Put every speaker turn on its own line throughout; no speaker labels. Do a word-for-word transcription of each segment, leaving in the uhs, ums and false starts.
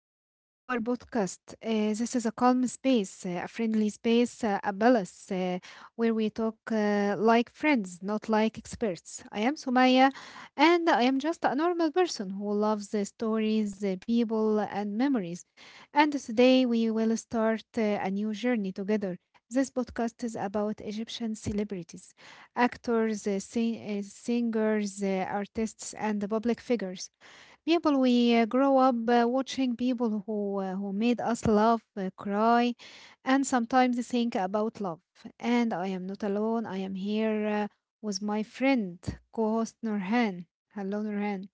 welcome to our podcast. Uh, this is a calm space, uh, a friendly space, uh, a balance uh, where we talk uh, like friends, not like experts. I am Sumaya, and I am just a normal person who loves the stories, uh, people, and memories. And today we will start uh, a new journey together. This podcast is about Egyptian celebrities, actors, uh, sing- uh, singers, uh, artists, and public figures. People we uh, grow up uh, watching, people who uh, who made us laugh, uh, cry, and sometimes think about love. And I am not alone. I am here uh, with my friend, co-host Nurhan. Hello, Nurhan.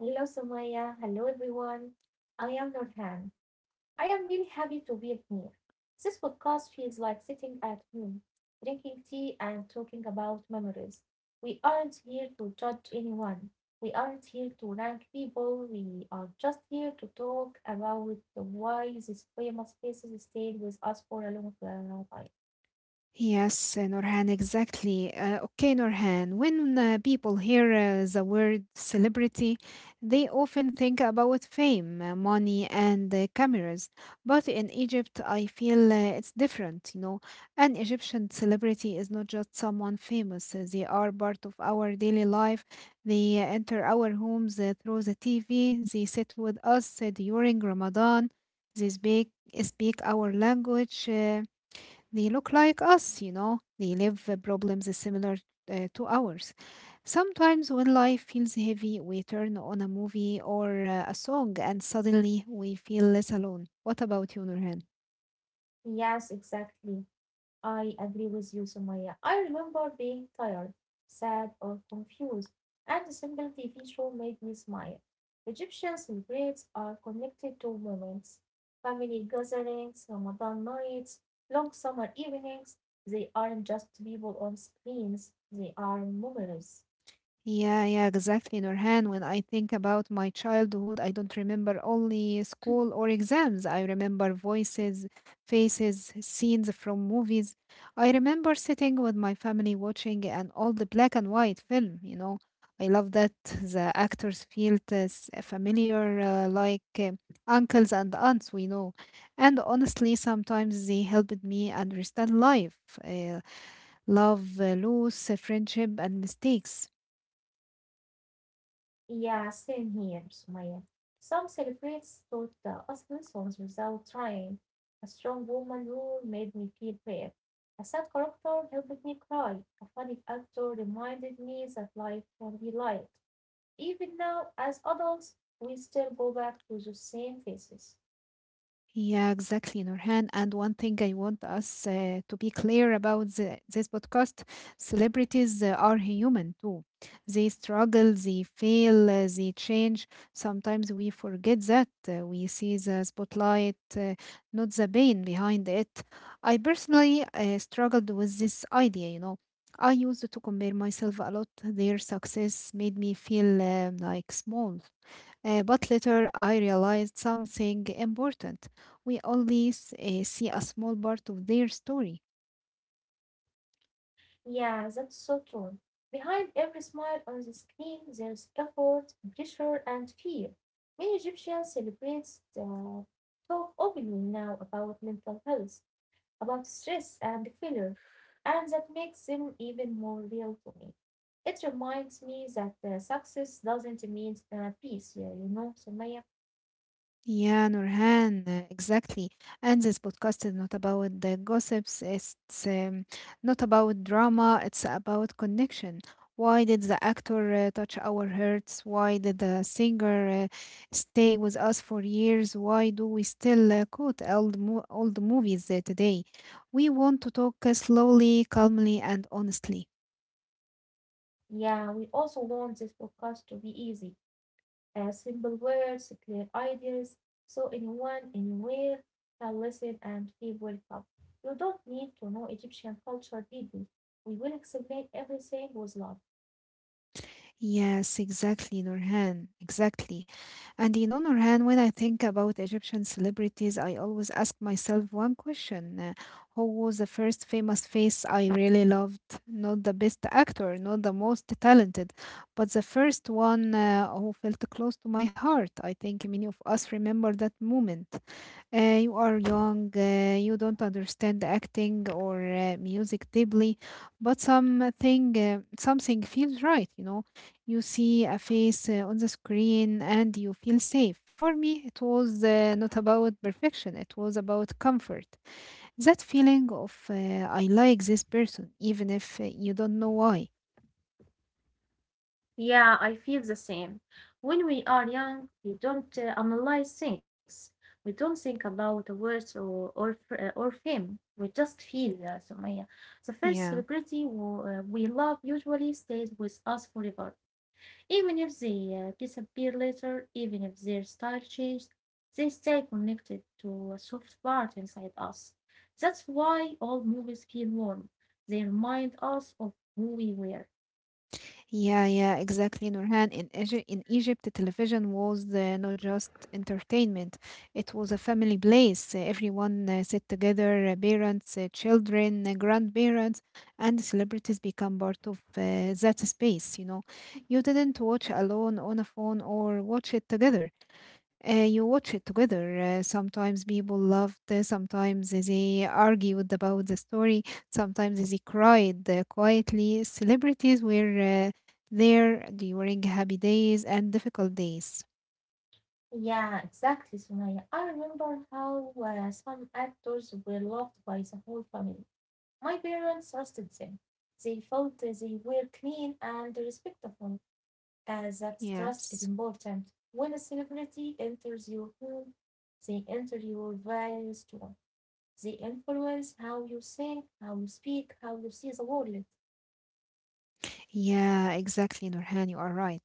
Hello, Sumaya. Hello, everyone. I am Nurhan. I am really happy to be here. This podcast feels like sitting at home, drinking tea, and talking about memories. We aren't here to judge anyone. We aren't here to rank people. We are just here to talk about the why these famous faces stayed with us for a long uh, time.
Yes, uh, Norhan, exactly. Uh, okay, Norhan, when uh, people hear uh, the word celebrity, they often think about fame, uh, money, and uh, cameras. But in Egypt, I feel uh, it's different. You know. An Egyptian celebrity is not just someone famous, uh, they are part of our daily life. They uh, enter our homes uh, through the T V, they sit with us uh, during Ramadan, they speak, speak our language. Uh, they look like us, you know, they live uh, problems similar uh, to ours. Sometimes when life feels heavy, we turn on a movie or uh, a song, and suddenly we feel less alone. What about you, Nurhan?
Yes, exactly. I agree with you, Sumaya. I remember being tired, sad, or confused, and a simple T V show made me smile. Egyptian celebrates are connected to moments, family gatherings, Ramadan nights, long summer evenings. They aren't just people on screens, they are memories.
Yeah, yeah, exactly, Nurhan. When I think about my childhood, I don't remember only school or exams. I remember voices, faces, scenes from movies. I remember sitting with my family watching an old black and white film, you know. I love that the actors felt as familiar, uh, like uh, uncles and aunts we know. And honestly, sometimes they helped me understand life, uh, love, uh, loss, uh, friendship, and mistakes.
Yeah, same here, Sumaya. Some celebrate taught uh, us lessons without trying. A strong woman rule made me feel brave. A sad character helped me cry. A funny actor reminded me that life can be light. Even now, as adults, we still go back to the same faces.
Yeah, exactly, Nurhan. And one thing I want us uh, to be clear about, the, this podcast: celebrities uh, are human too. They struggle, they fail, uh, they change. Sometimes we forget that. Uh, we see the spotlight, uh, not the pain behind it. I personally uh, struggled with this idea, you know. I used to compare myself a lot. Their success made me feel uh, like small. Uh, but later I realized something important. We only s- uh, see a small part of their story.
Yeah, that's so true. Behind every smile on the screen, there's effort, pressure, and fear. Many Egyptians celebrate the talk openly now about mental health, about stress and failure, and that makes them even more real to me. It reminds me that uh, success doesn't mean uh, peace, yeah, you know, Sumaya.
Yeah, Nurhan, uh, exactly. And this podcast is not about the gossips, it's um, not about drama, it's about connection. Why did the actor uh, touch our hearts? Why did the singer uh, stay with us for years? Why do we still uh, quote old, mo- old movies uh, today? We want to talk uh, slowly, calmly, and honestly.
Yeah, we also want this podcast to be easy. Uh, simple words, clear ideas, so anyone, anywhere can listen and feel welcome. You don't need to know Egyptian culture deeply. We will explain everything with love.
Yes, exactly, Nurhan. Exactly. And you know, Nurhan, when I think about Egyptian celebrities, I always ask myself one question. uh, Who was the first famous face I really loved? Not the best actor, not the most talented, but the first one uh, who felt close to my heart. I think many of us remember that moment. Uh, you are young, uh, you don't understand acting or uh, music deeply, but something, uh, something feels right, you know, you see a face uh, on the screen and you feel safe. For me, it was uh, not about perfection, it was about comfort. That feeling of uh, I like this person, even if uh, you don't know why.
Yeah, I feel the same. When we are young, we don't uh, analyze things. We don't think about words or or, f- or fame. We just feel, uh, Sumaya. The first
Yeah.
celebrity who, uh, we love usually stays with us forever. Even if they uh, disappear later, even if their style changes, they stay connected to a soft part inside us. That's why all movies feel warm. They remind us of who we were.
Yeah, yeah, exactly, Nurhan. In Egy in Egypt, television was uh, not just entertainment; it was a family place. Uh, Everyone uh, sit together, uh, parents, uh, children, uh, grandparents, and celebrities become part of uh, that space. You know, you didn't watch alone on a phone or watch it together. Uh, you watch it together. Uh, sometimes people loved. Uh, sometimes they argued about the story, sometimes they cried uh, quietly. Celebrities were uh, there during happy days and difficult days.
Yeah, exactly, Sumaya. I remember how uh, some actors were loved by the whole family. My parents trusted them. They felt uh, they were clean and respectful. As that trust is
Yes.
important. When a celebrity enters your home, they enter your values too. They influence how you think, how you speak, how you see the world.
Yeah, exactly, Nurhan. You are right.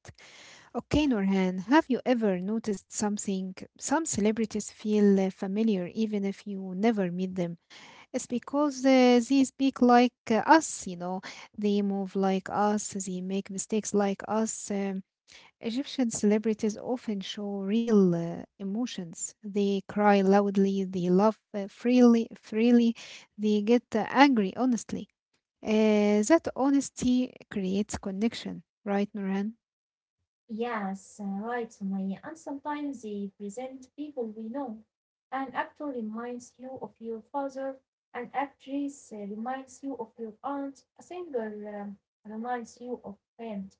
Okay, Nurhan, have you ever noticed something? Some celebrities feel uh, familiar even if you never meet them. It's because uh, they speak like uh, us, you know. They move like us, they make mistakes like us. Um, Egyptian celebrities often show real uh, emotions. They cry loudly, they laugh uh, freely, freely, they get uh, angry honestly. Uh, that honesty creates connection, right, Nurhan?
Yes, uh, right, Sumaya. And sometimes they present people we know. An actor reminds you of your father, an actress uh, reminds you of your aunt, a singer um, reminds you of friend.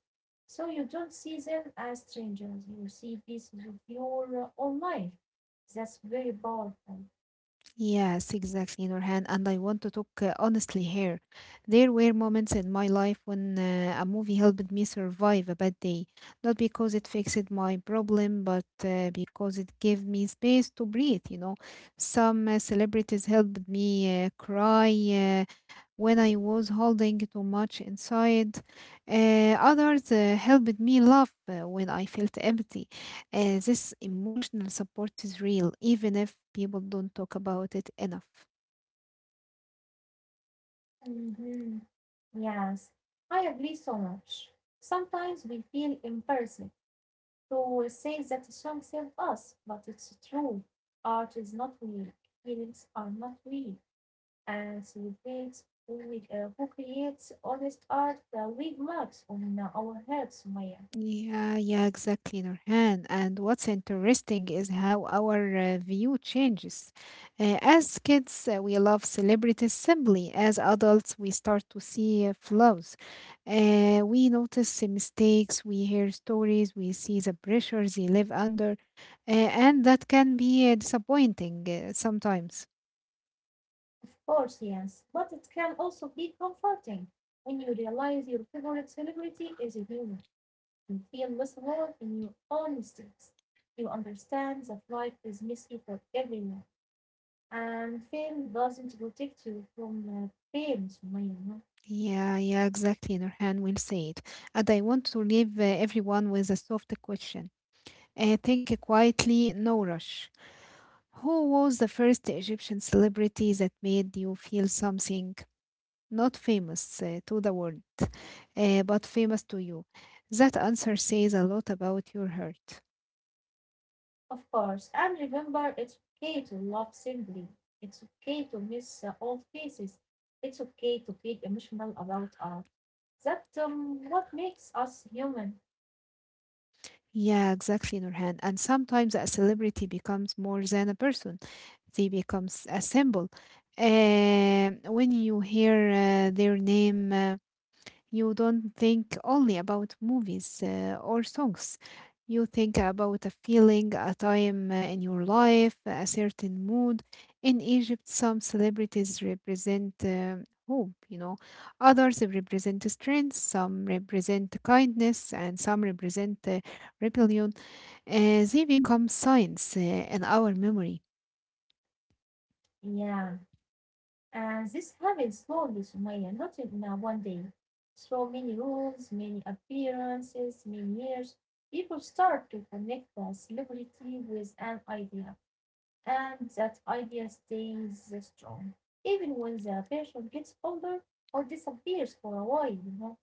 So you don't see them as strangers. You see pieces of your uh, own life. That's very powerful.
Yes, exactly, Nurhan. And I want to talk uh, honestly here. There were moments in my life when uh, a movie helped me survive a bad day, not because it fixed my problem, but uh, because it gave me space to breathe, you know. Some uh, celebrities helped me uh, cry, uh, when I was holding too much inside. Uh, others uh, helped me laugh uh, when I felt empty. Uh, this emotional support is real, even if people don't talk about it enough.
hmm Yes, I agree so much. Sometimes we feel embarrassed. To say that song saved us, but it's true. Art is not weak, feelings are not weak, and celebrates who, uh, who creates honest art uh, with marks on uh, our hearts, Maya.
Yeah, yeah, exactly, Nurhan. And what's interesting is how our uh, view changes. Uh, as kids, uh, we love celebrities simply. As adults, we start to see uh, flaws. Uh, we notice uh, mistakes, we hear stories, we see the pressures they live under, uh, and that can be uh, disappointing uh, sometimes.
Of course, yes, but it can also be comforting when you realize your favorite celebrity is a human. You feel less alone in your own mistakes. You understand that life is messy for everyone. And fame doesn't protect you from uh, pain, Sumaya. No.
Yeah, yeah, exactly, Nurhan will say it. And I want to leave uh, everyone with a soft question. Uh, think quietly, no rush. Who was the first Egyptian celebrity that made you feel something? Not famous uh, to the world, uh, but famous to you. That answer says a lot about your heart.
Of course, and remember it's okay to love simply. It's okay to miss uh, old faces. It's okay to feel emotional about art. That um, what makes us human.
Yeah, exactly, Nurhan. And sometimes a celebrity becomes more than a person, they becomes a symbol. Uh, when you hear uh, their name, uh, you don't think only about movies uh, or songs. You think about a feeling, a time uh, in your life, a certain mood. In Egypt, some celebrities represent uh, hope, you know, others represent strength, some represent kindness, and some represent uh, rebellion. Uh, they become signs uh, in our memory.
Yeah, and this happens slowly, Sumaya, not in uh, one day. Through many rules, many appearances, many years, people start to connect the celebrity with an idea and that idea stays strong, even when the person gets older or disappears for a while, you know.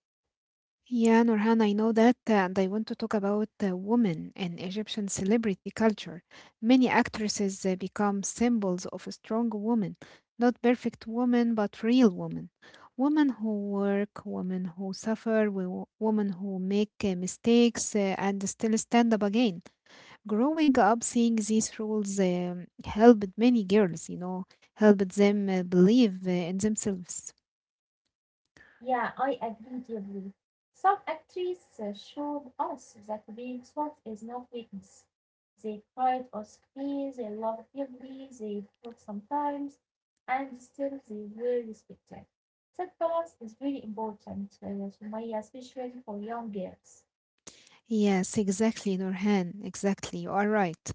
Yeah, Nurhan, I know that, uh, and I want to talk about uh, women in Egyptian celebrity culture. Many actresses uh, become symbols of a strong woman, not perfect woman, but real woman. Women who work, women who suffer, wo- women who make uh, mistakes uh, and still stand up again. Growing up, seeing these roles um, helped many girls, you know, helped them uh, believe uh, in themselves.
Yeah, I agree deeply. Some actresses uh, showed us that being soft is not weakness. They cried or screamed, they loved heavily, they fought sometimes, and still they were respected. That balance is very important, uh, Sumaya, especially for young girls.
Yes, exactly, Nurhan. Exactly, you are right.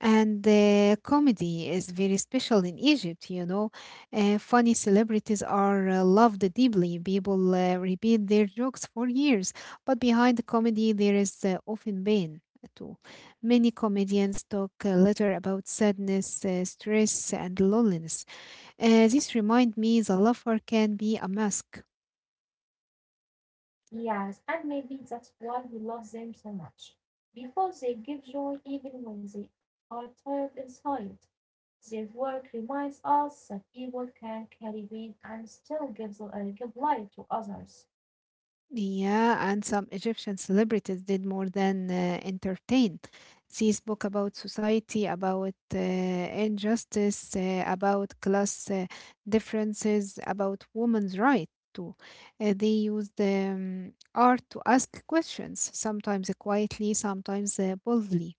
And uh, comedy is very special in Egypt, you know. Uh, funny celebrities are uh, loved deeply. People uh, repeat their jokes for years, but behind the comedy, there is uh, often pain uh, too. Many comedians talk uh, later about sadness, uh, stress, and loneliness. Uh, this reminds me the laughter can be a mask.
Yes, and maybe that's why we love them so much. Because they give joy even when they are tired inside. Their work reminds us that people can carry weight and still give, the- uh, give life to others.
Yeah, and some Egyptian celebrities did more than uh, entertain. They spoke about society, about uh, injustice, uh, about class uh, differences, about women's rights too. Uh, they used um, art to ask questions, sometimes quietly, sometimes uh, boldly.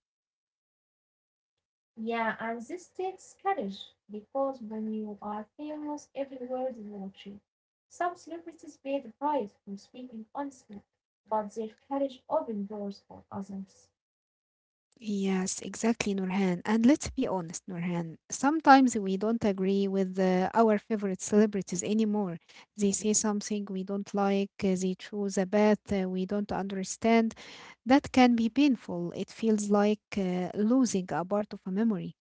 Yeah, and this takes courage because when you are famous, every word is watching. Some celebrities pay the price for speaking honestly, but their courage opens doors for others.
Yes, exactly, Nurhan. And let's be honest, Nurhan. Sometimes we don't agree with uh, our favorite celebrities anymore. They say something we don't like, uh, they choose a path uh, we don't understand. That can be painful. It feels like uh, losing a part of a memory,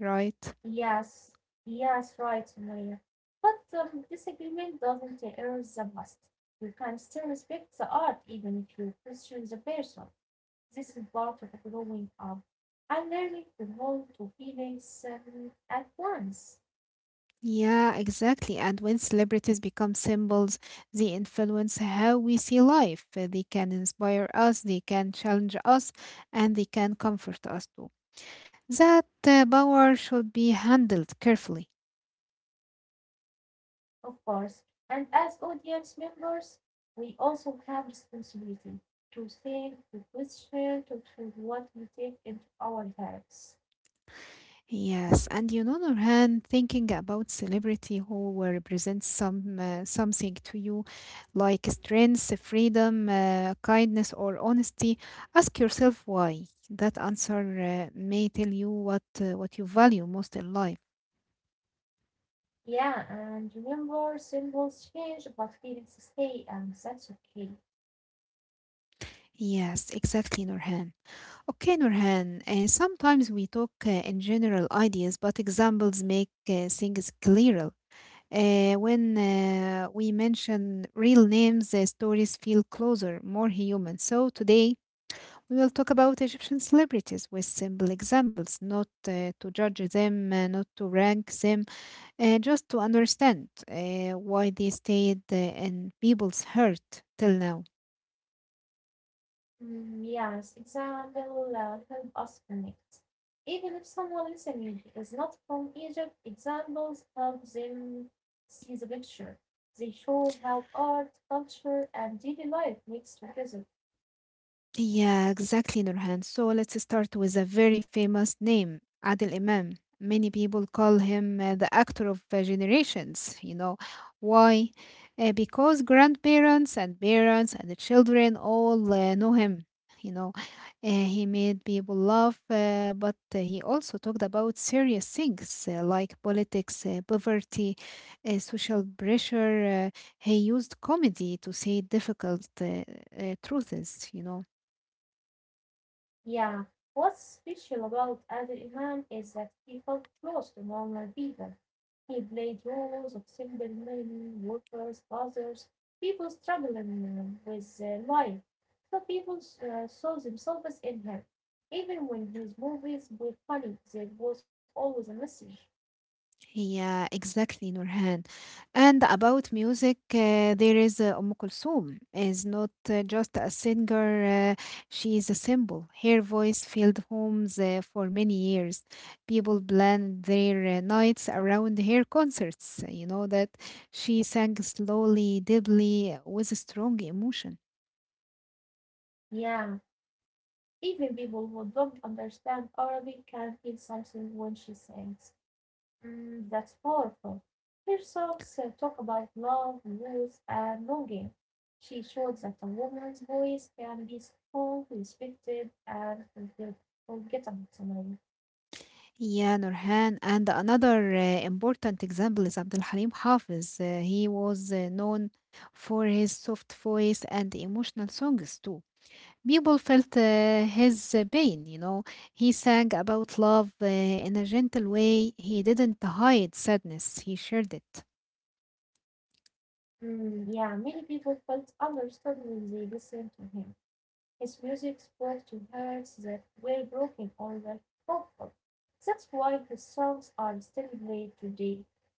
right?
Yes, yes, right, Maria. But um, disagreement doesn't erase the past. You can still respect the art even if you question the person. This is part of growing up and learning to hold two feelings um, at once,
Yeah, exactly. And when celebrities become symbols, they influence how we see life. Uh, They can inspire us, they can challenge us, and they can comfort us too. That uh, power should be handled carefully.
of course. And as audience members, we also have responsibility to think, to question, to choose what we take into our heads.
Yes, and you, other hand, thinking about celebrity who will represent some uh, something to you, like strength, freedom, uh, kindness, or honesty, ask yourself why. That answer uh, may tell you what uh, what you value most in life.
Yeah, and remember, symbols change, but feelings stay, and that's okay.
Yes, exactly, Nurhan. Okay, Nurhan. Uh, sometimes we talk uh, in general ideas, but examples make uh, things clearer. Uh, when uh, we mention real names, the stories feel closer, more human. So today we will talk about Egyptian celebrities with simple examples, not uh, to judge them, uh, not to rank them, uh, just to understand uh, why they stayed uh, in people's heart till now.
Mm, yes, exam will uh, help us connect. Even if someone listening is not from Egypt, examples help them see the picture. They show how art, culture, and daily life mix together.
Yeah, exactly, Nurhan. So let's start with a very famous name, Adil Imam. Many people call him uh, the actor of uh, generations. You know why? Uh, because grandparents and parents and the children all uh, know him. You know, Uh, he made people laugh, uh, but uh, he also talked about serious things uh, like politics, uh, poverty, uh, social pressure. Uh, he used comedy to say difficult uh, uh, truths, you know.
Yeah, what's special about Adel Imam is that he felt close to normal people. He played roles of simple men, workers, fathers, people struggling with uh, life. So people uh, saw themselves in him. Even when his movies were funny, there was always a message.
Yeah, exactly, Nurhan. And about music, uh, there is uh, Umm Kulthum is not uh, just a singer, uh, she is a symbol. Her voice filled homes uh, for many years. People planned their uh, nights around her concerts. You know that she sang slowly, deeply, with a strong emotion.
Yeah, even people who don't understand Arabic can feel something when she sings. Mm, that's powerful. Her songs uh, talk about love, youth, and longing. She showed that a woman's voice can be strong, respected, and forget- forgettable.
Yeah, Nurhan. And another uh, important example is Abdul Halim Hafiz. Uh, he was uh, known for his soft voice and emotional songs too. People felt uh, his uh, pain, you know. He sang about love uh, in a gentle way. He didn't hide sadness, he shared it.
Mm, yeah, many people felt understood when they listened to him. His music spoke to hearts that were broken or that hopeful. That's why his songs are still played today.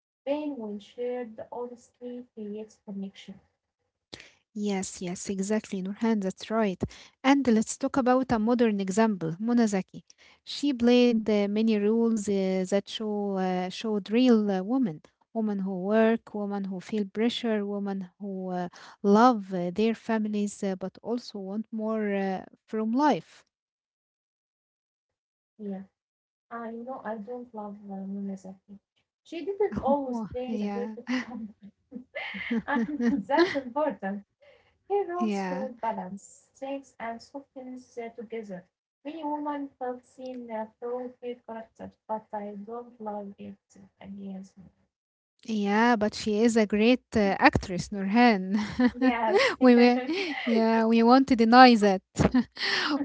Pain, when shared honestly, creates connection.
Yes, yes, exactly, Nurhan, that's right. And let's talk about a modern example, Monazaki. She played uh, many roles uh, that show uh, showed real uh, women, women who work, women who feel pressure, women who uh, love uh, their families, uh, but also want more uh, from life.
Yeah. Ah, you know I don't love uh, Nuna Zaki. She didn't always play the perfect
Yeah.
woman, and that's important. Her roles
Yeah.
showed balance, strength, and softness uh, together. Many women felt seen uh, through her character, but I don't love it against me.
Yeah, but she is a great uh, actress, Nurhan.
Yes.
we, we, yeah, we won't deny that.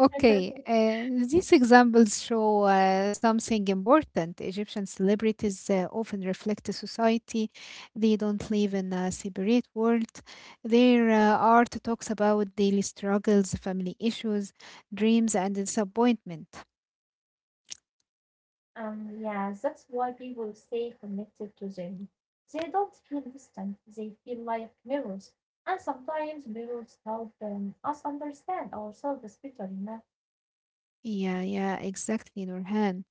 Okay, uh, these examples show uh, something important. Egyptian celebrities uh, often reflect society. They don't live in a separate world. Their uh, art talks about daily struggles, family issues, dreams, and disappointment.
Um, Yeah. That's why people stay connected to them. They don't feel distant, they feel like mirrors. And sometimes mirrors help um, us understand ourselves better, you know.
Yeah, yeah, exactly, Nurhan.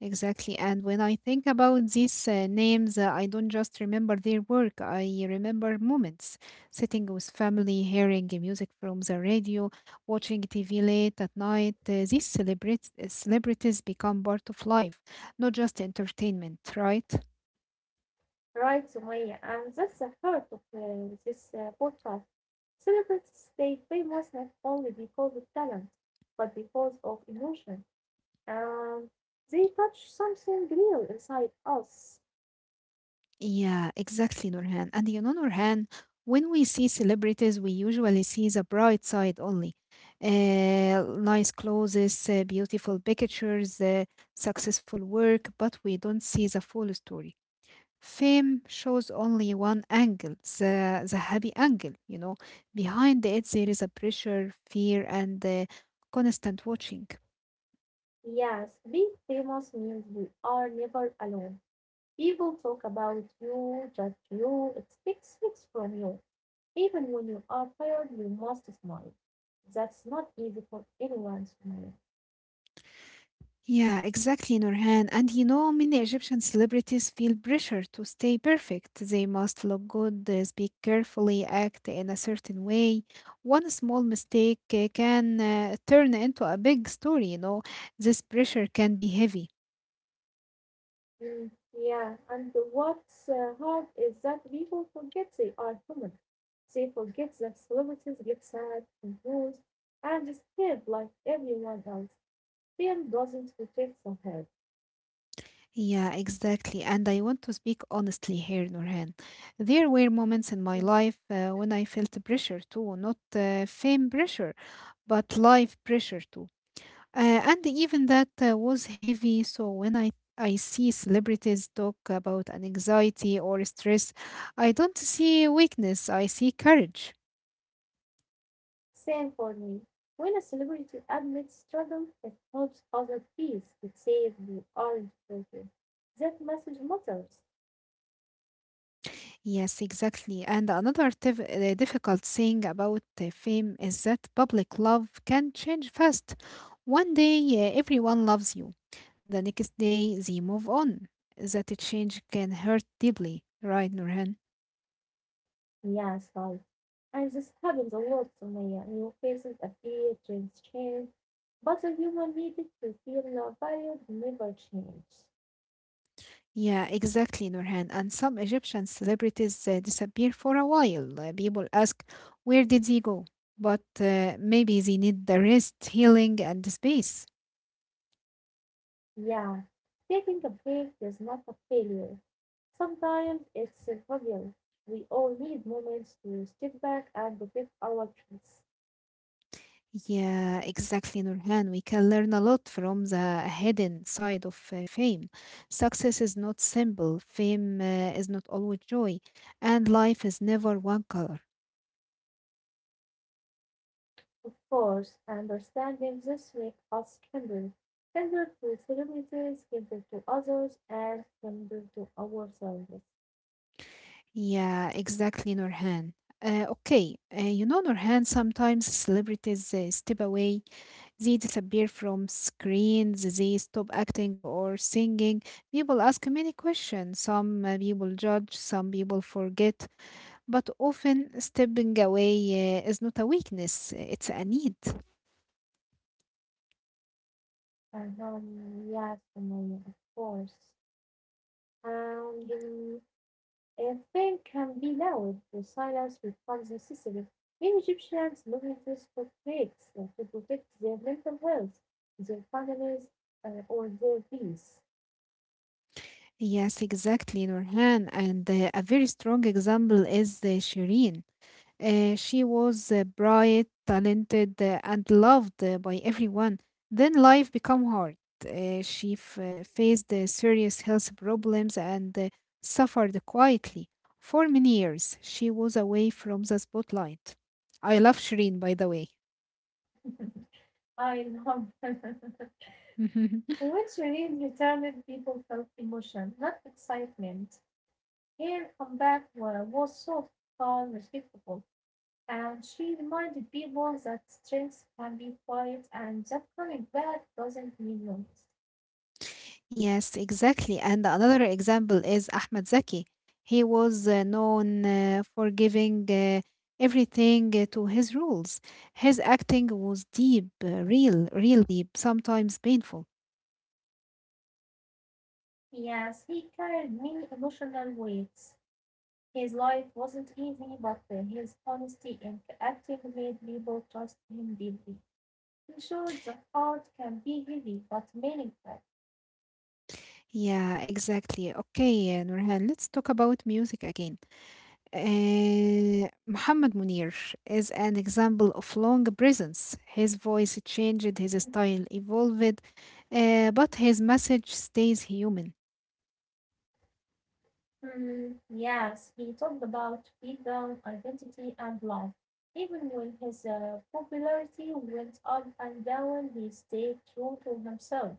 Exactly. And when I think about these uh, names, uh, I don't just remember their work. I remember moments sitting with family, hearing the music from the radio, watching T V late at night. Uh, these celebrit- uh, celebrities become part of life, not just entertainment, right?
Right, Sumaya, and that's the heart of uh, this uh, podcast. Celebrities stay famous not only because of talent, but because of emotion. Um, they touch something real inside us.
Yeah, exactly, Nurhan. And you know, Nurhan, when we see celebrities, we usually see the bright side only. Uh, nice clothes, uh, beautiful pictures, uh, successful work, but we don't see the full story. Fame shows only one angle, the, the happy angle, you know. Behind it, there is a pressure, fear, and uh, constant watching.
Yes, being famous means we are never alone. People talk about you, judge you, expect things from you. Even when you are tired, you must smile. That's not easy for anyone to manage.
Yeah, exactly, Nurhan. And you know, many Egyptian celebrities feel pressure to stay perfect. They must look good, uh, speak carefully, act in a certain way. One small mistake uh, can uh, turn into a big story, you know. This pressure can be heavy.
Mm, yeah, and what's uh, hard is that people forget they are human. They forget that celebrities get sad, confused, and scared like everyone else. Fear doesn't protect the head.
Yeah, exactly. And I want to speak honestly here, Nurhan. There were moments
Mm.
in my life uh, when I felt pressure too, not uh, fame pressure, but life pressure too. Uh, and even that uh, was heavy. So when I I see celebrities talk about an anxiety or stress, I don't see weakness. I see courage.
Same for me. When a celebrity admits struggle, it helps others peace. It says you aren't broken. That message matters.
Yes, exactly. And another tif- uh, difficult thing about uh, fame is that public love can change fast. One day, uh, everyone loves you. The next day, they move on. That change can hurt deeply, right, Nurhan?
Yes, right. And this happens a lot, Sumaya. New faces appear, trends change. But the human needed to feel your value never changes.
Yeah, exactly, Nurhan. And some Egyptian celebrities uh, disappear for a while. Uh, people ask, where did they go? But uh, maybe they need the rest, healing, and space.
Yeah, taking a break is not a failure. Sometimes it's a failure. We all need moments to step back and protect our peace.
Yeah, exactly, Nurhan. We can learn a lot from the hidden side of uh, fame. Success is not simple, fame uh, is not always joy, and life is never one color.
Of course, understanding this week us kindred, kindred to celebrities, kindred to others, and kindred to ourselves.
Yeah, exactly, Nurhan. Uh, okay, uh, you know, Nurhan, sometimes celebrities uh, step away. They disappear from screens, they stop acting or singing. People ask many questions. Some uh, people judge, some people forget. But often, stepping away uh, is not a weakness, it's a need.
And um, yes, Umayya, of course. And um, a thing can be loud, the silence becomes necessary. Many Egyptians look into conflicts uh, to protect their mental health, their families, uh, or their peace.
Yes, exactly, Nurhan. And uh, a very strong example is uh, Shireen. Uh, she was uh, bright, talented, uh, and loved uh, by everyone. Then life became hard. Uh, she f- uh, faced uh, serious health problems and uh, suffered quietly. For many years, she was away from the spotlight. I love Shireen, by the way.
I know. Once you read retirement, people felt emotion, not excitement. Her comeback wa- was soft, calm, respectful, and she reminded people that strength can be quiet and that coming back doesn't mean loss.
Yes, exactly. And another example is Ahmad Zaki. He was uh, known uh, for giving uh, everything uh, to his rules. His acting was deep, uh, real, real deep, sometimes painful.
Yes, he carried many emotional weights. His life wasn't easy, but uh, his honesty and acting made people trust him deeply. He showed that art can be heavy but meaningful.
Yeah, exactly. Okay, uh, Nurhan, let's talk about music again. Uh, Muhammad Munir is an example of long presence. His voice changed, his style evolved, uh, but his message stays human.
Hmm. Yes, he talked about freedom, identity, and love. Even when his uh, popularity went up and down, he stayed true to himself.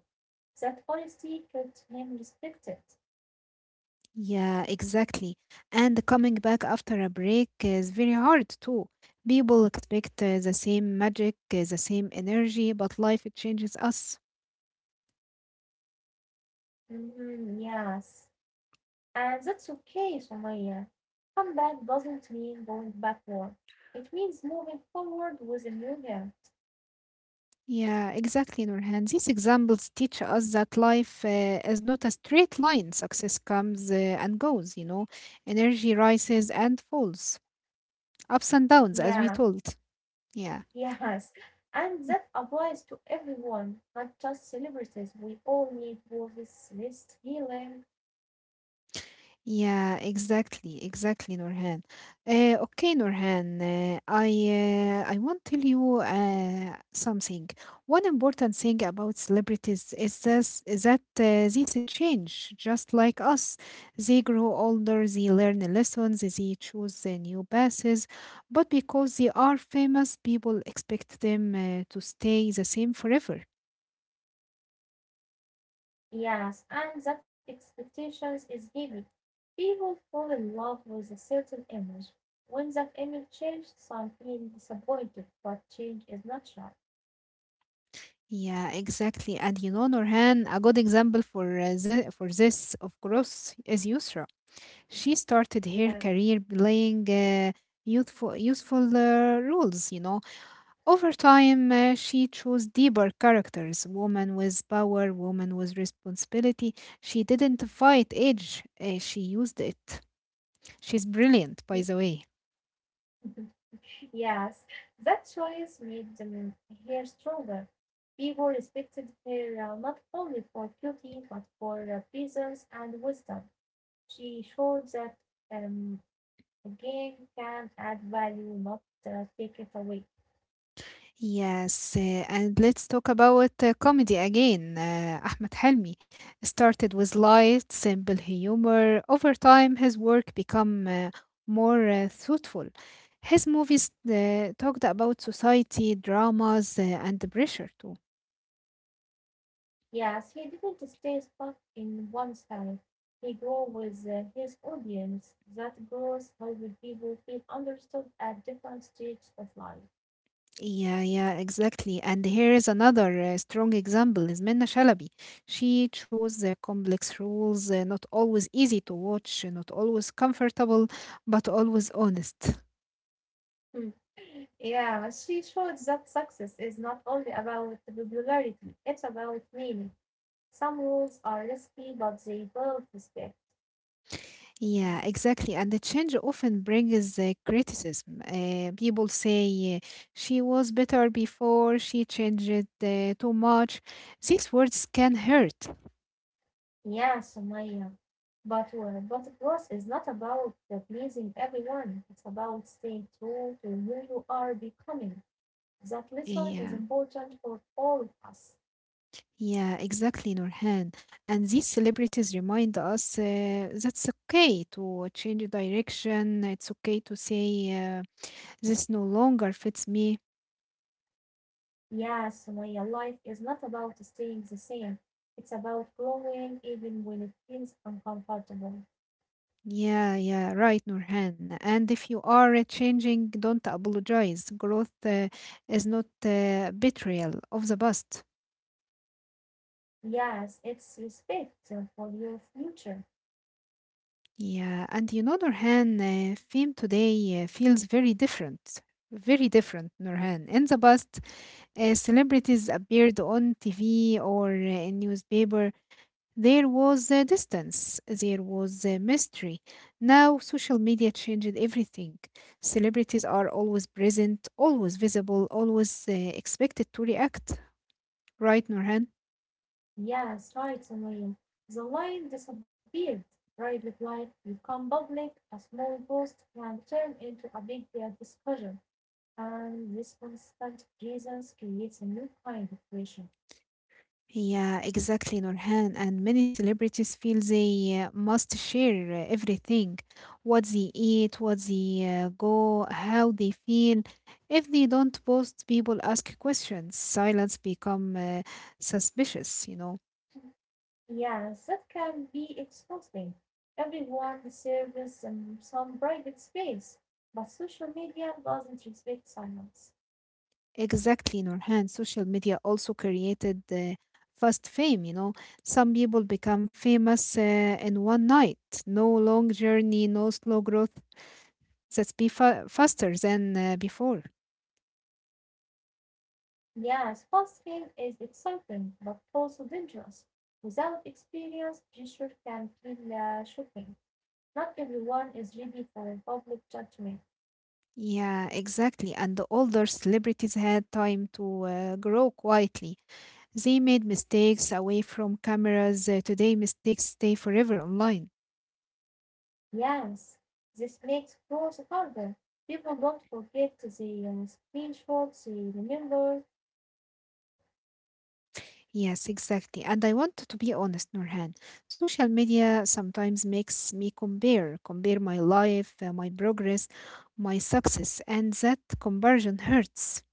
That honesty kept him respected.
Yeah, exactly. And coming back after a break is very hard too. People expect uh, the same magic, uh, the same energy, but life it changes us.
Mhm, yes, and that's okay, Sumaya. Comeback doesn't mean going backward. It means moving forward with a new him.
Yeah, exactly, Nurhan. These examples teach us that life uh, is not a straight line. Success comes uh, and goes, you know. Energy rises and falls, ups and downs, as we
Yeah.
told. Yeah.
Yes, and that applies to everyone, not just celebrities. We all need worthless list healing.
Yeah, exactly, exactly, Nurhan. Uh, okay, Nurhan, uh, I uh, I want to tell you uh, something. One important thing about celebrities is this, is that uh, they to change, just like us. They grow older, they learn lessons, they choose uh, new paths. But because they are famous, people expect them uh, to stay the same forever.
Yes, and that expectations is heavy. People fall in love with a certain image. When that image changes, some feel disappointed, but change is natural.
Yeah, exactly. And you know, Norhan, a good example for uh, the, for this, of course, is Yusra. She started
Yeah.
her career playing uh, youthful, useful uh, roles, you know. Over time, uh, she chose deeper characters, woman with power, woman with responsibility. She didn't fight age, uh, she used it. She's brilliant, by the way.
Yes, that choice made them hair stronger. People respected hair uh, not only for beauty but for uh, presence and wisdom. She showed that um, a game can add value, not uh, take it away.
Yes, uh, and let's talk about uh, comedy again. Uh, Ahmed Helmi started with light, simple humor. Over time, his work become uh, more uh, thoughtful. His movies uh, talked about society, dramas, uh, and the pressure too.
Yes, he didn't stay stuck in one style. He grew with uh, his audience. That growth helped people feel understood at different stages of life.
Yeah, yeah, exactly. And here is another uh, strong example is Minna Shalabi. She chose the complex roles, uh, not always easy to watch, not always comfortable, but always honest.
Mm. Yeah, she showed that success is not only about popularity, it's about meaning. Some rules are risky, but they build respect.
Yeah, exactly. And the change often brings uh, criticism. Uh, people say uh, she was better before, she changed it uh, too much. These words can hurt.
Yeah, Sumaya. But, uh, but growth is not about uh, pleasing everyone. It's about staying true to who you are becoming. That lesson is
Yeah,
important for all of us.
yeah, exactly, Nurhan. And these celebrities remind us uh, that's okay to change direction. It's okay to say uh, this no longer fits me.
Yeah, Sumaya, life is not about staying the same. It's about growing even when it feels uncomfortable.
Yeah, yeah, right, Nurhan. And if you are uh, changing, don't apologize. Growth uh, is not uh, betrayal of the past.
Yes, it's respect uh, for your future.
Yeah, and you know, Nurhan, uh, fame today uh, feels very different. Very different, Nurhan. In the past, uh, celebrities appeared on T V or uh, in newspaper. There was the distance, there was the mystery. Now, social media changed everything. Celebrities are always present, always visible, always uh, expected to react. Right, Nurhan?
Yes, right, Samaim. The line disappeared. Private life become public. A small post can turn into a big uh, discussion. And this constant presence creates a new kind of pressure.
Yeah, exactly, Nurhan. And many celebrities feel they uh, must share uh, everything, what they eat, what they uh, go, how they feel. If they don't post, people ask questions. Silence become uh, suspicious, you know.
Yes, that can be exhausting. Everyone deserves some, some private space, but social media doesn't respect silence.
Exactly, Nurhan. Social media also created uh, fast fame. You know, some people become famous uh, in one night. No long journey, no slow growth. That's be fa- faster than uh, before.
Yes, fasting is exciting, but also dangerous. Without experience, pressure can feel uh, shocking. Not everyone is ready for a public judgment.
Yeah, exactly. And the older celebrities had time to uh, grow quietly. They made mistakes away from cameras. Uh, today, mistakes stay forever online.
Yes, this makes growth harder. People don't forget the uh, thresholds they remember.
Yes, exactly. And I want to be honest, Nurhan. Social media sometimes makes me compare, compare my life, uh, my progress, my success, and that comparison hurts.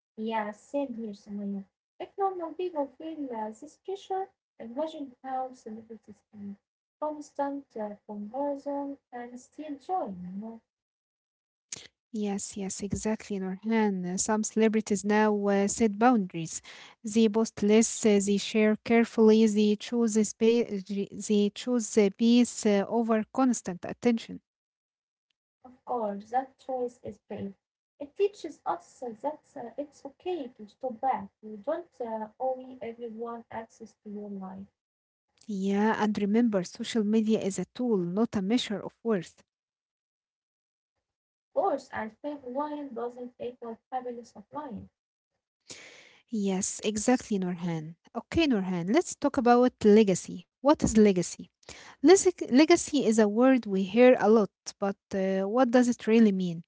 Yes, same here, Samaya. If normal people feel uh, this pressure, imagine how celebrities in constant uh, comparison can still join. You know?
Yes, yes, exactly, Nurhan. Uh, Some celebrities now uh, set boundaries. They post less, uh, they share carefully, they choose a spa- they choose a peace uh, over constant attention.
Of course, that choice is brave. It teaches us uh, that uh, it's okay to stop back. You don't uh, owe everyone access to your life.
Yeah, and remember, social media is a tool, not a measure of worth.
Course, and fake wine doesn't equal fabulous of wine,
Yes, exactly, Nurhan. Okay, Nurhan, let's talk about legacy. What is legacy? Leg- Legacy is a word we hear a lot, but uh, what does it really mean?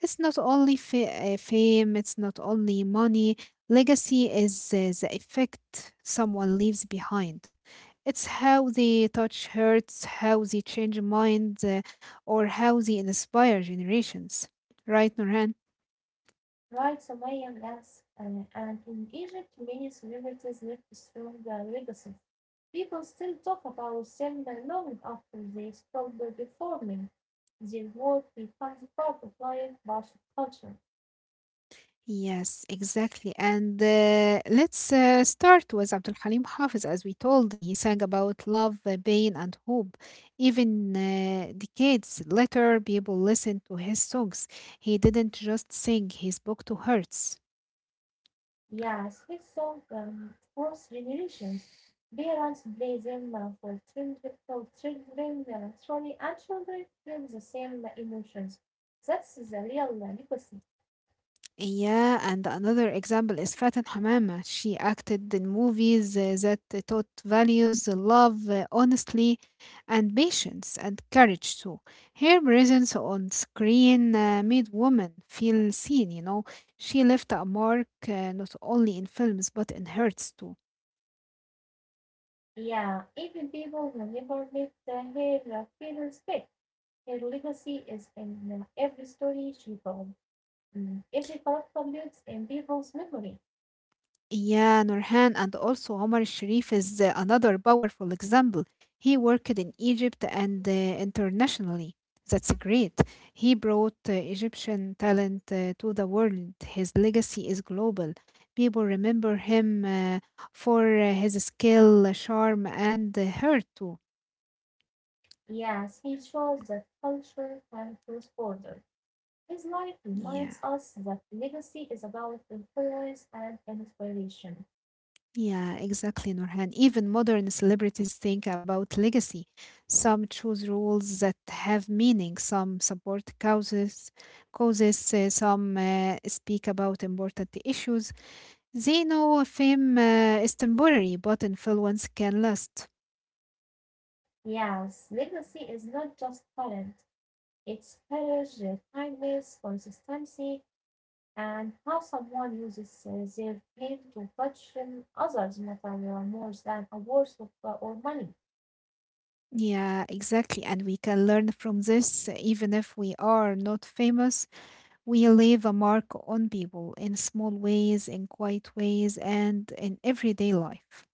It's not only fa- uh, fame, it's not only money. Legacy is uh, the effect someone leaves behind. It's how they touch hearts, how they change minds, uh, or how they inspire generations. Right, Nurhan?
right, Sumaya? Yes. Uh, and in Egypt, many celebrities left strong uh, legacies. People still talk about them long after they stopped performing. Their work becomes part of life, part of culture.
Yes, exactly. And uh, let's uh, start with Abdul Halim Hafiz. As we told, he sang about love, uh, pain, and hope. Even uh, decades later, people listen to his songs. He didn't just sing, he spoke to hearts.
Yes, his song um, cross generations. Parents play them uh, for children, for children uh, sorry, and children feel the same emotions. That's the real uh, legacy.
Yeah, and another example is Faten Hamama. She acted in movies uh, that taught values, love, uh, honestly, and patience, and courage too. Her presence on screen uh, made women feel seen, you know. She left a mark uh, not only in films but in hearts too.
Yeah, even people who never met uh, her uh, feel respect. Her legacy is in uh, every story she told. Mm, every character lives in people's memory.
Yeah, Nurhan, and also Omar Sharif is uh, another powerful example. He worked in Egypt and uh, internationally. That's great. He brought uh, Egyptian talent uh, to the world. His legacy is global. People remember him uh, for uh, his skill, charm, and uh, heart too.
Yes, he shows that culture can cross borders. His life reminds
Yeah.
us that legacy is about influence and inspiration.
Yeah, exactly, Norhan. Even modern celebrities think about legacy. Some choose roles that have meaning, some support causes, causes, uh, some uh, speak about important issues. They know fame uh, is temporary, but influence can last.
Yes, legacy is not just talent, it's courage, kindness, consistency, and how someone uses uh, their pain to touch um, others matter more than awards of, uh, or money,
Yeah, exactly. And we can learn from this, even if we are not famous, we leave a mark on people in small ways, in quiet ways, and in everyday life.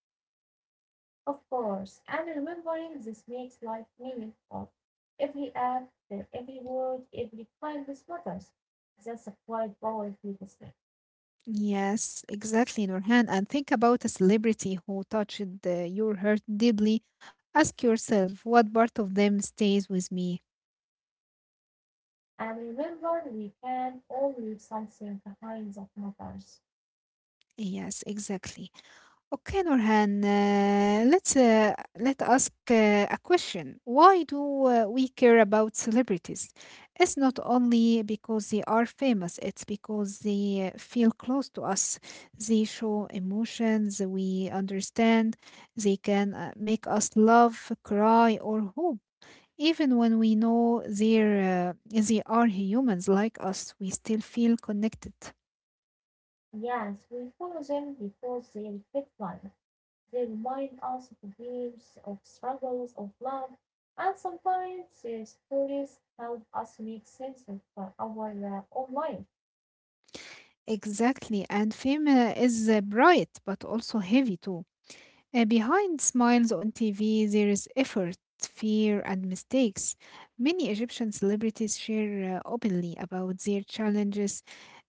of course. And remembering this makes life meaningful. Every act, every word, every kindness matters. That's a quite powerful legacy.
Yes, exactly, Nurhan. And think about a celebrity who touched uh, your heart deeply. Ask yourself, what part of them stays with me?
And remember, we can all leave something behind that matters.
Yes, exactly. Okay, Nurhan, uh, let's uh, let ask uh, a question. Why do uh, we care about celebrities? It's not only because they are famous, it's because they uh, feel close to us. They show emotions we understand. They can uh, make us laugh, cry, or hope. Even when we know they're, uh, they are humans like us, we still feel connected.
Yes, we follow them because they reflect life. They remind us of dreams, of struggles, of love, and sometimes their stories help us make sense of uh, our uh, own life.
Exactly, and fame uh, is uh, bright but also heavy too. Uh, behind smiles on T V, there is effort, fear, and mistakes. Many Egyptian celebrities share uh, openly about their challenges.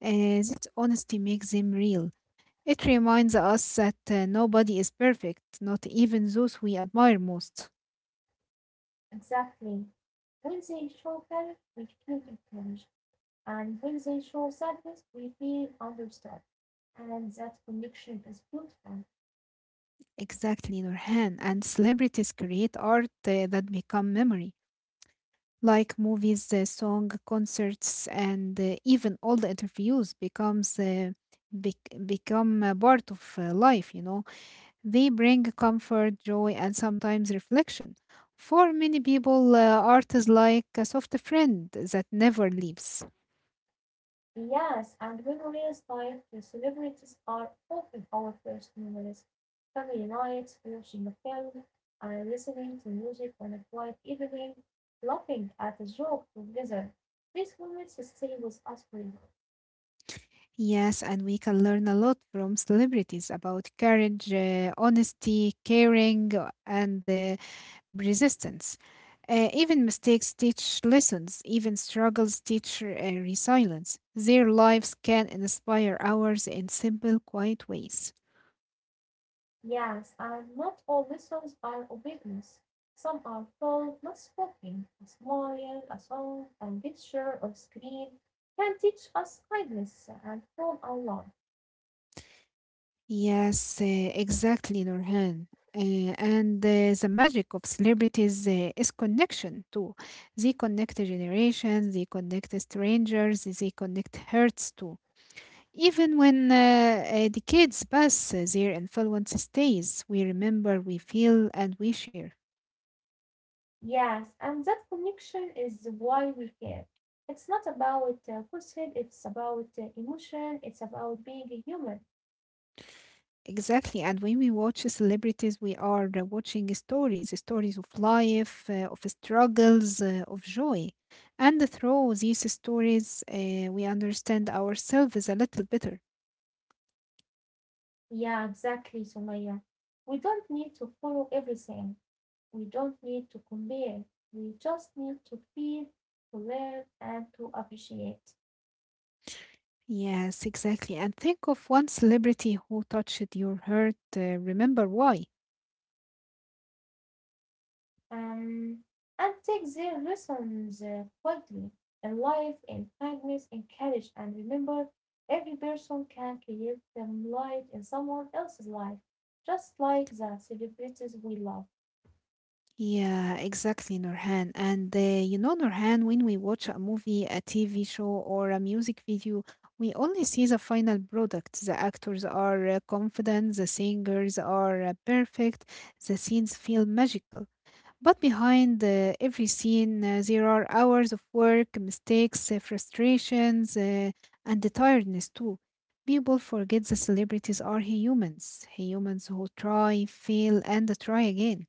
Uh, this honesty makes them real. It reminds us that uh, nobody is perfect, not even those we admire most.
Exactly. When they show courage, we feel encouraged, and when they show sadness, we feel understood. And that connection is beautiful.
Exactly, Nurhan, and celebrities create art uh, that become memory. Like movies, uh, song, concerts, and uh, even all the interviews becomes uh, bec- become a part of uh, life. You know, they bring comfort, joy, and sometimes reflection. For many people, uh, art is like a soft friend that never leaves.
Yes, and memories night the celebrities are often our first memories. Family nights, watching a film, and listening to music on a quiet evening, laughing at a joke together. These moments stay with us forever.
Yes, and we can learn a lot from celebrities about courage, uh, honesty, caring, uh, and uh, resistance. Uh, even mistakes teach lessons, even struggles teach uh, resilience. Their lives can inspire ours in simple, quiet ways.
Yes, and not all lessons are obedience. Some are told, not spoken. A smile, a song, a picture, or screen can teach us kindness and form our love.
Yes, uh, exactly, Nurhan. Uh, and uh, the magic of celebrities uh, is connection too. They connect generations, they connect strangers, they connect hearts too. Even when uh, uh, decades pass, uh, their influence stays. We remember, we feel, and we share.
Yes, and that connection is why we care. It's not about uh, falsehood, it's about uh, emotion, it's about being a human.
Exactly. And when we watch celebrities, we are uh, watching stories stories of life, uh, of struggles, uh, of joy. And through these stories, uh, we understand ourselves a little better.
Yeah, exactly, Sumaya. We don't need to follow everything, we don't need to compare, we just need to feel, to learn, and to appreciate.
Yes, exactly. And think of one celebrity who touched your heart. Uh, remember why.
Um, and take their lessons uh, boldly. In life, in kindness, in courage, and remember, every person can create them light in someone else's life, just like the celebrities we love.
Yeah, exactly, Nurhan. And uh, you know, Nurhan, when we watch a movie, a T V show, or a music video, we only see the final product. The actors are uh, confident, the singers are uh, perfect, the scenes feel magical. But behind uh, every scene, uh, there are hours of work, mistakes, uh, frustrations, uh, and the tiredness too. People forget the celebrities are humans, humans who try, fail, and try again.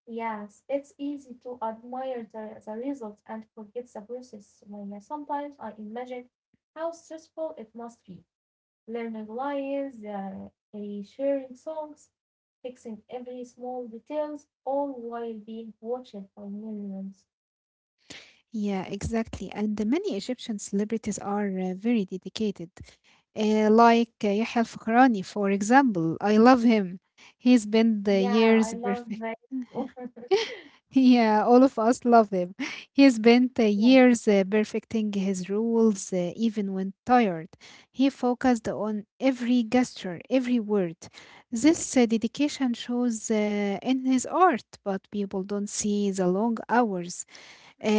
Yes, it's easy to admire the, the results and forget the process. When uh, sometimes I imagine how stressful it must be. Learning lines, uh, eh, sharing songs, fixing every small details, all while being watched by millions.
Yeah, exactly. And the many Egyptian celebrities are uh, very dedicated. Uh, like uh, Yahya Al-Fakrani, for example. I love him. He spent the
Yeah,
years
I love
perfect.
that.
Yeah, all of us love him. He spent uh,
Yeah,
years uh, perfecting his rules, uh, even when tired. He focused on every gesture, every word. This uh, dedication shows uh, in his art, but people don't see the long hours, uh,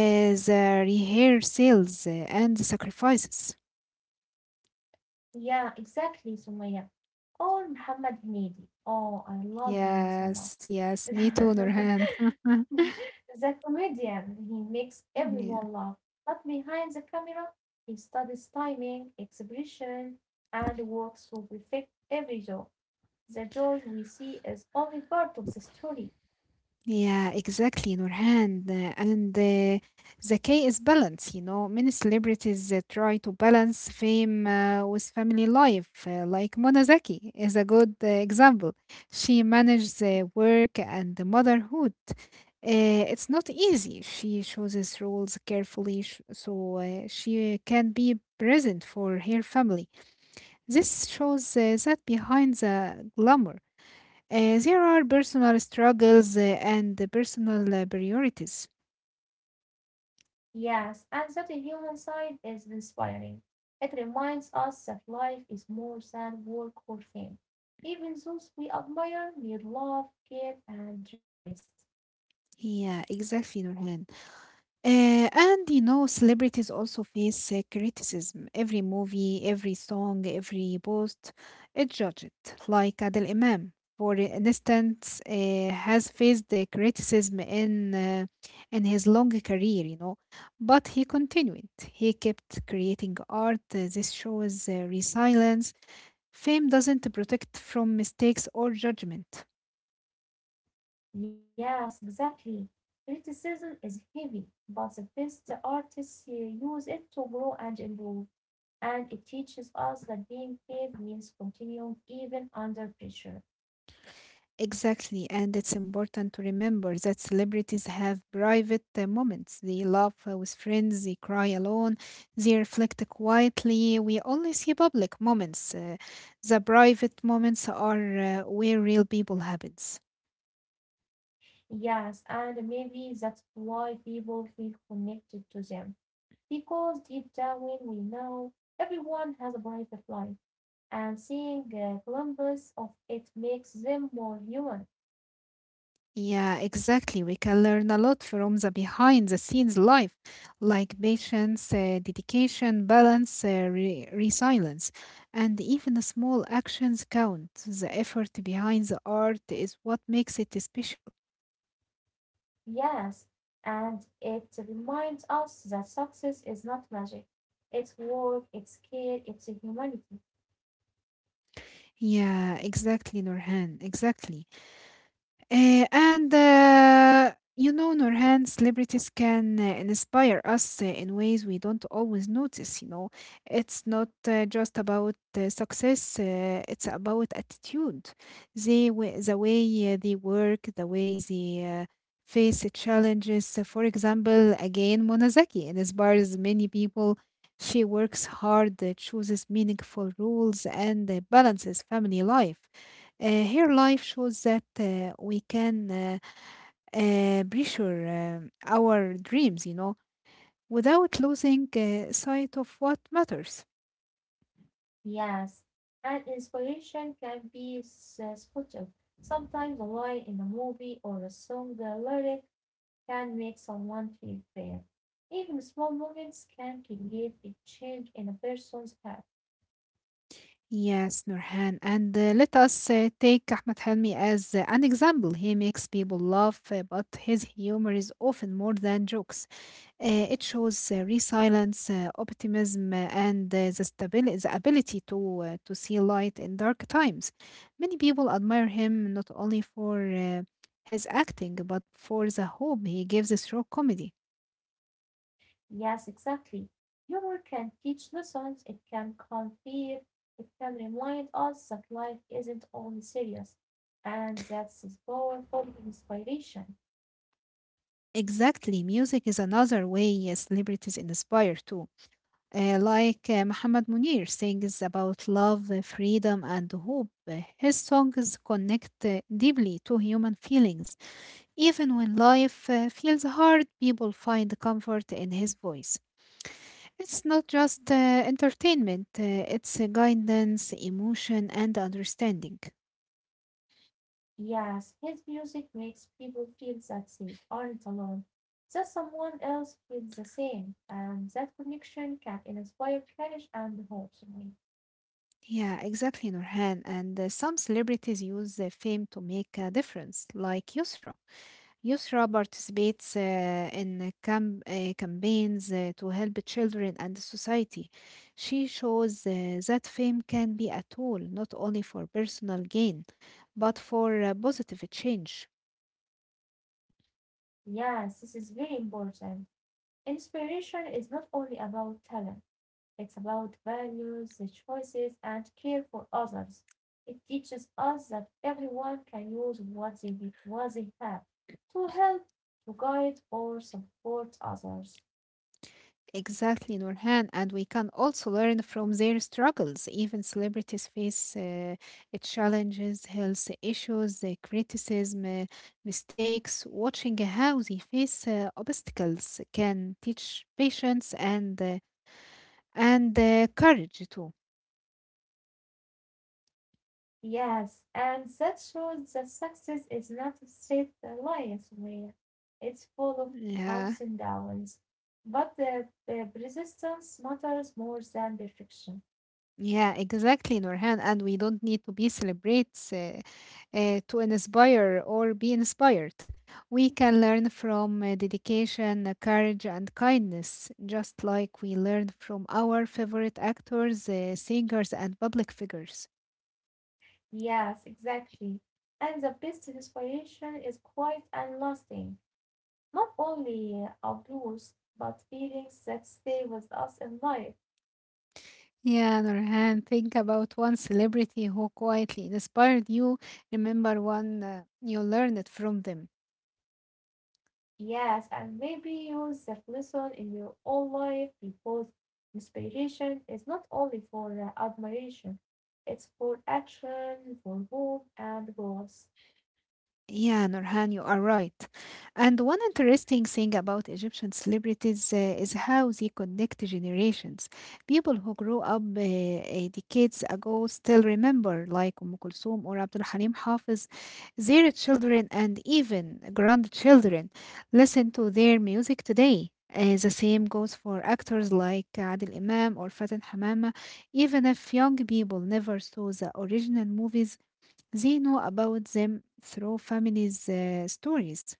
the rehearsals, uh, and the sacrifices.
yeah, exactly, Sumaya. Or Muhammad Hamidi. Oh, I love him so much.
Yes, yes, me too,
The
Nurhan.
comedian, he makes everyone
Yeah,
laugh, but behind the camera, he studies timing, expression, and works to perfect every joke. The joy we see is only part of the story.
yeah, exactly, Nurhan. Uh, And uh, the key is balance, you know. Many celebrities uh, try to balance fame uh, with family life, uh, like Mona Zaki is a good uh, example. She manages uh, work and the motherhood. Uh, it's not easy. She chooses roles carefully sh- so uh, she can be present for her family. This shows uh, that behind the glamour, uh, there are personal struggles, uh, and the personal uh, priorities.
Yes, and that human side is inspiring. It reminds us that life is more than work or fame, even those we admire need love, care, and rest.
Yeah, exactly, Nurhan. Uh, and you know, celebrities also face uh, criticism. Every movie, every song, every post is judged. Like Adel Imam, for instance, uh, has faced the criticism in uh, in his long career, you know, but he continued. He kept creating art. Uh, This shows uh, resilience. Fame doesn't protect from mistakes or judgment.
Yes, exactly. Criticism is heavy, but the best artists uh, use it to grow and improve. And it teaches us that being brave means continuing even under pressure.
Exactly, and it's important to remember that celebrities have private uh, moments. They laugh uh, with friends, they cry alone, they reflect quietly. We only see public moments. Uh, the private moments are uh, where real people happens.
Yes, and maybe that's why people feel connected to them. Because deep down we know everyone has a private life, and seeing a glimpse of it makes them more human.
Yeah, exactly. We can learn a lot from the behind the scenes life, like patience, uh, dedication, balance, uh, re- resilience. And even the small actions count. The effort behind the art is what makes it special.
Yes, and it reminds us that success is not magic. It's work, it's care, it's humanity.
Yeah, exactly, Nurhan. Exactly. Uh, and uh, you know, Nurhan, celebrities can uh, inspire us uh, in ways we don't always notice. You know, it's not uh, just about uh, success; uh, it's about attitude. They, w- the way uh, they work, the way they uh, face the challenges. Uh, For example, again, Monazaki inspires many people. She works hard, uh, chooses meaningful roles, and uh, balances family life. Uh, her life shows that uh, we can uh, uh, pressure um, our dreams, you know, without losing uh, sight of what matters.
Yes, and inspiration can be s- subtle. Sometimes a line in a movie or a song uh, lyric can make someone feel bad. Even small moments can create a change in a person's heart.
Yes, Nurhan. And uh, let us uh, take Ahmed Helmi as uh, an example. He makes people laugh, uh, but his humor is often more than jokes. Uh, it shows uh, resilience, uh, optimism, uh, and uh, the, stabil- the ability to, uh, to see light in dark times. Many people admire him not only for uh, his acting, but for the hope he gives through comedy.
Yes, exactly. Humor can teach lessons, it can calm fear, it can remind us that life isn't only serious, and that's his powerful inspiration.
Exactly, music is another way uh, celebrities inspire too. Uh, like uh, Muhammad Munir sings about love, uh, freedom, and hope. Uh, His songs connect uh, deeply to human feelings. Even when life uh, feels hard, people find comfort in his voice. It's not just uh, entertainment, uh, it's uh, guidance, emotion, and understanding.
Yes, his music makes people feel that they aren't alone, that someone else feels the same, and that connection can inspire courage and hope.
Yeah, exactly, Nurhan. And uh, some celebrities use uh, fame to make a difference, like Yusra. USRA participates uh, in camp, uh, campaigns uh, to help children and society. She shows uh, that fame can be a tool not only for personal gain, but for uh, positive change.
Yes, this is very important. Inspiration is not only about talent, it's about values, the choices, and care for others. It teaches us that everyone can use what they, what they have to help, to guide, or support others.
Exactly, Nurhan. And we can also learn from their struggles. Even celebrities face uh, challenges, health issues, uh, criticism, uh, mistakes. Watching how they face uh, obstacles can teach patience and uh, and uh, courage too.
Yes, and that shows that success is not a straight line where it's full of
Yeah,
ups and downs, but the, the persistence matters more than perfection.
yeah, exactly, Nurhan. And we don't need to be celebrates uh, uh, to inspire or be inspired. We can learn from uh, dedication, uh, courage, and kindness, just like we learn from our favorite actors, uh, singers, and public figures.
Yes, exactly. And the best inspiration is quiet and lasting. Not only uh, abuse, but feelings that stay with us in life.
Yeah, Nurhan, think about one celebrity who quietly inspired you. Remember one uh, you learned from them.
Yes, and maybe use that lesson in your own life because inspiration is not only for uh, admiration, it's for action, for hope, and growth.
Yeah, Nurhan, you are right. And one interesting thing about Egyptian celebrities uh, is how they connect generations. People who grew up uh, uh, decades ago still remember, like Umm Kulthum or Abdul Halim Hafiz. Their children and even grandchildren listen to their music today. Uh, the same goes for actors like Adil Imam or Faten Hamama. Even if young people never saw the original movies, they know about them through families' uh, stories.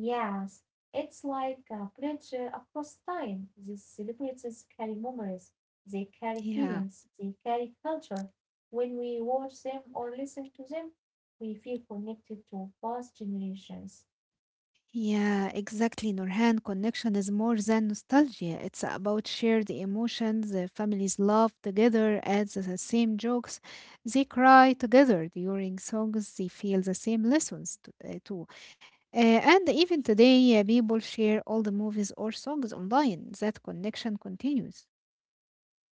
Yes, it's like a bridge uh, across time. These celebrities carry memories, they carry
Yeah,
feelings, they carry culture. When we watch them or listen to them, we feel connected to past generations.
yeah, exactly. Nurhan, connection is more than nostalgia. It's about shared emotions. The families laugh together at the the same jokes. They cry together during songs. They feel the same lessons t- uh, too. Uh, and even today, uh, people share all the movies or songs online. That connection continues.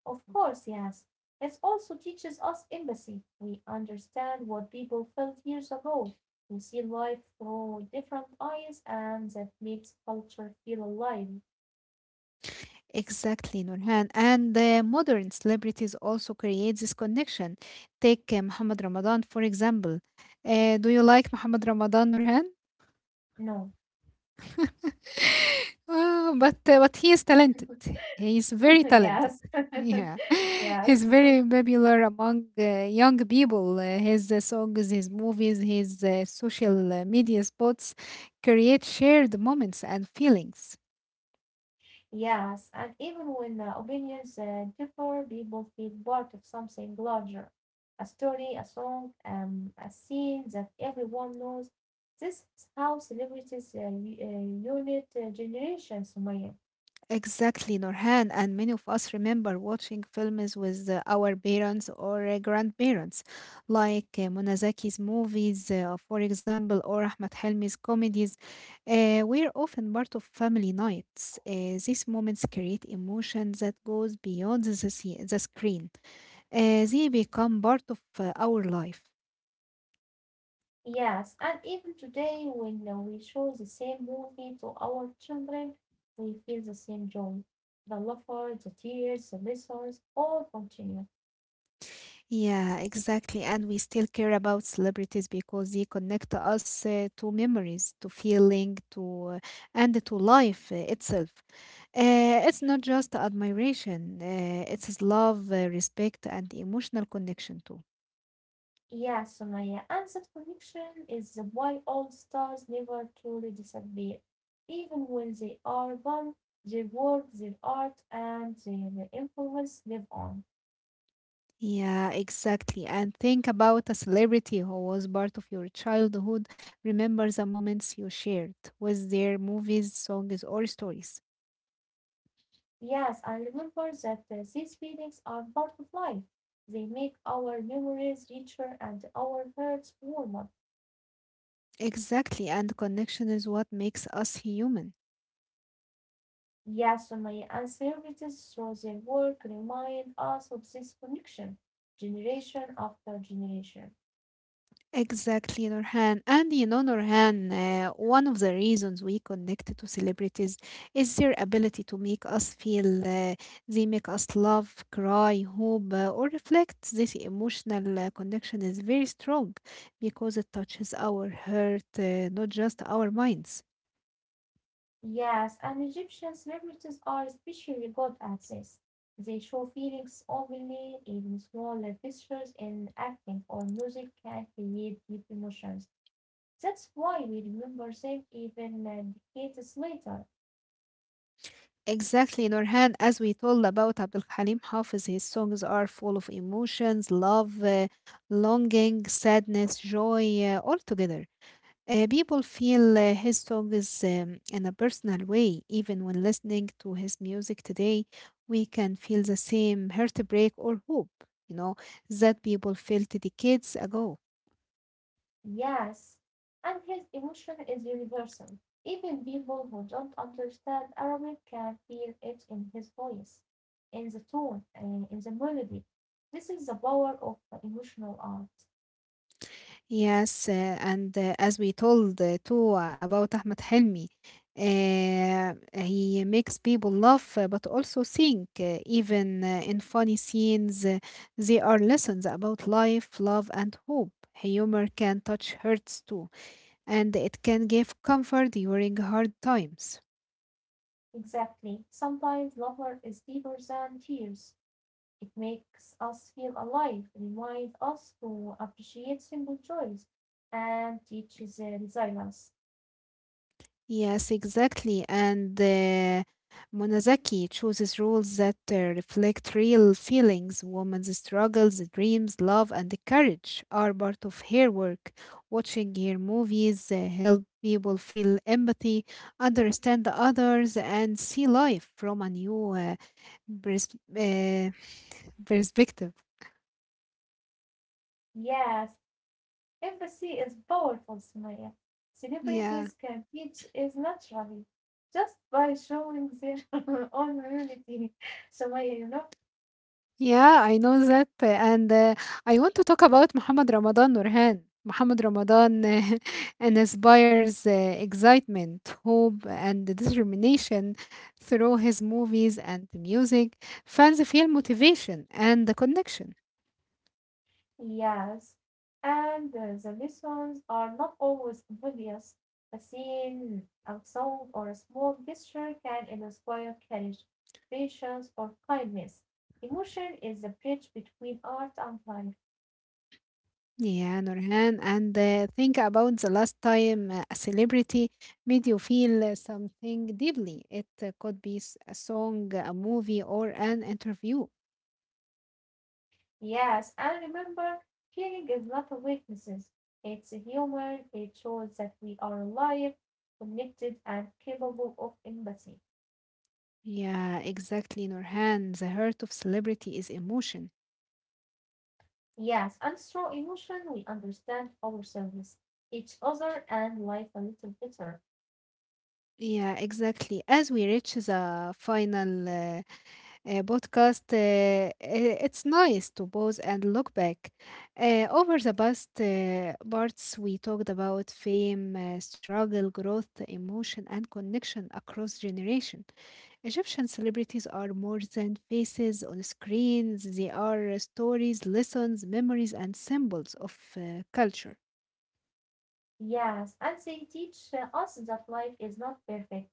Of course, yes. It also teaches us empathy. We understand what people felt years ago. We see life through different eyes, and that makes culture feel alive.
Exactly, Nurhan. And the modern celebrities also create this connection. Take uh, Muhammad Ramadan, for example. Uh, do you like Muhammad Ramadan, Nurhan?
No.
Oh, but uh, but he is talented. He is very talented.
Yes.
Yeah, he's
Yes,
very popular among uh, young people. Uh, his uh, songs, his movies, his uh, social uh, media spots create shared moments and feelings.
Yes, and even when uh, opinions uh, differ, people feel part of something larger. A story, a song, um, a scene that everyone knows. This is how celebrities uh, u- uh, unit uh, generations, Sumaya.
Exactly, Norhan. And many of us remember watching films with uh, our parents or uh, grandparents, like uh, Monazaki's movies, uh, for example, or Ahmed Helmi's comedies. Uh, we're often part of family nights. Uh, these moments create emotion that goes beyond the, sce- the screen. Uh, they become part of uh, our life.
Yes, and even today, when uh, we show the same movie to our children, we feel the same joy. The laughter, the tears, the lessons all continue.
Yeah, exactly. And we still care about celebrities because they connect us uh, to memories, to feeling, to uh, and to life uh, itself. Uh, it's not just admiration, uh, it's love, uh, respect, and emotional connection too.
Yeah, so my answered connection is why all stars never truly disappear. Even when they are gone, their work, their art, and their influence live on.
Yeah, exactly. And think about a celebrity who was part of your childhood. Remember the moments you shared with their movies, songs, or stories.
Yes, I remember that uh, these feelings are part of life. They make our memories richer and our hearts warmer.
Exactly. And connection is what makes us human.
Yes, so my ancestors through their work remind us of this connection, generation after generation.
Exactly, Nurhan. And you know, Nurhan, uh, one of the reasons we connect to celebrities is their ability to make us feel. Uh, they make us love, cry, hope, uh, or reflect. This emotional uh, connection is very strong because it touches our heart, uh, not just our minds.
Yes, and Egyptian celebrities are especially good at this. They show feelings openly, even small gestures in acting or music can create deep emotions. That's why we remember them even uh, decades later.
Exactly, Nurhan. As we told about Abdul Halim Hafiz, his songs are full of emotions, love, uh, longing, sadness, joy, uh, all together. Uh, people feel uh, his songs um, in a personal way. Even when listening to his music today, we can feel the same heartbreak or hope, you know, that people felt decades ago.
Yes, and his emotion is universal. Even people who don't understand Arabic can feel it in his voice, in the tone, uh, in the melody. This is the power of emotional art.
Yes, uh, and uh, as we told uh, too uh, about Ahmed Helmi, uh, he makes people laugh uh, but also think, uh, even uh, in funny scenes, uh, they are lessons about life, love, and hope. Humor can touch hearts too. And it can give comfort during hard times.
Exactly. Sometimes laughter is deeper than tears. It makes us feel alive, reminds us to appreciate simple joys, and teaches uh, resilience.
Yes, exactly. And uh, Monazaki chooses roles that uh, reflect real feelings. Woman's struggles, dreams, love, and courage are part of her work. Watching her movies uh, help people feel empathy, understand the others, and see life from a new uh, pers- uh, perspective.
Yes, empathy is powerful, Sumaya.
Yeah.
Celebrities can teach it naturally just by showing their own humanity. Sumaya, you know?
Yeah, I know that. uh, And uh, I want to talk about Muhammad Ramadan, Nurhan. Muhammad Ramadan uh, inspires uh, excitement, hope, and determination through his movies and music. Fans feel motivation and the connection.
Yes, and uh, the lessons are not always obvious. A scene, a sound, or a small gesture can inspire courage, patience, or kindness. Emotion is the bridge between art and life.
Yeah, Nurhan. And uh, think about the last time uh, a celebrity made you feel uh, something deeply. It uh, could be s- a song, a movie, or an interview.
Yes, and remember, feeling is not a weakness. It's human. It shows that we are alive, connected, and capable of empathy.
Yeah, exactly, Nurhan. The heart of celebrity is emotion.
Yes, and through emotion we understand ourselves, each other, and life a little better.
Yeah, exactly. As we reach the final uh, uh, podcast, uh, i- it's nice to pause and look back. Uh, over the past uh, parts, we talked about fame, uh, struggle, growth, emotion, and connection across generation. Egyptian celebrities are more than faces on screens. They are stories, lessons, memories, and symbols of uh, culture.
Yes, and they teach uh, us that life is not perfect.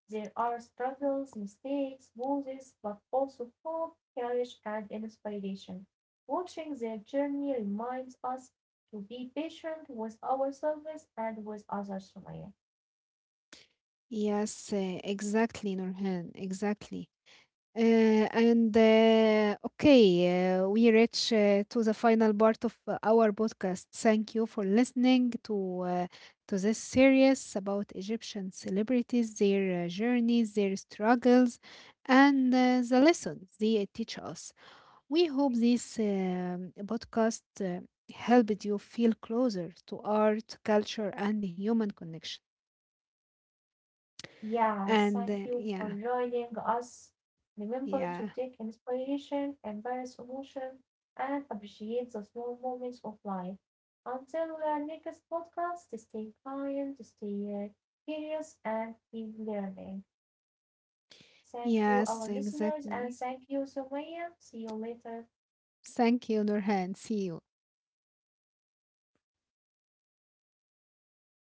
There are struggles, mistakes, losses, but also hope, courage, and inspiration. Watching their journey reminds us to be patient with ourselves and with others, Sumaya.
Yes, uh, exactly, Nurhan, exactly. Uh, and uh, okay, uh, we reach uh, to the final part of uh, our podcast. Thank you for listening to uh, to this series about Egyptian celebrities, their uh, journeys, their struggles, and uh, the lessons they teach us. We hope this um, podcast uh, helped you feel closer to art, culture, and human connection.
Yes,
And
thank
uh,
you for
yeah,
joining us. Remember to
yeah,
take inspiration, embrace emotion, and appreciate the small moments of life. Until our next podcast, stay kind, stay uh, curious, and keep learning. Thank you, our
yes,
listeners, and
exactly.
thank you, Sumaya. See you later.
Thank you, Nurhan. See you.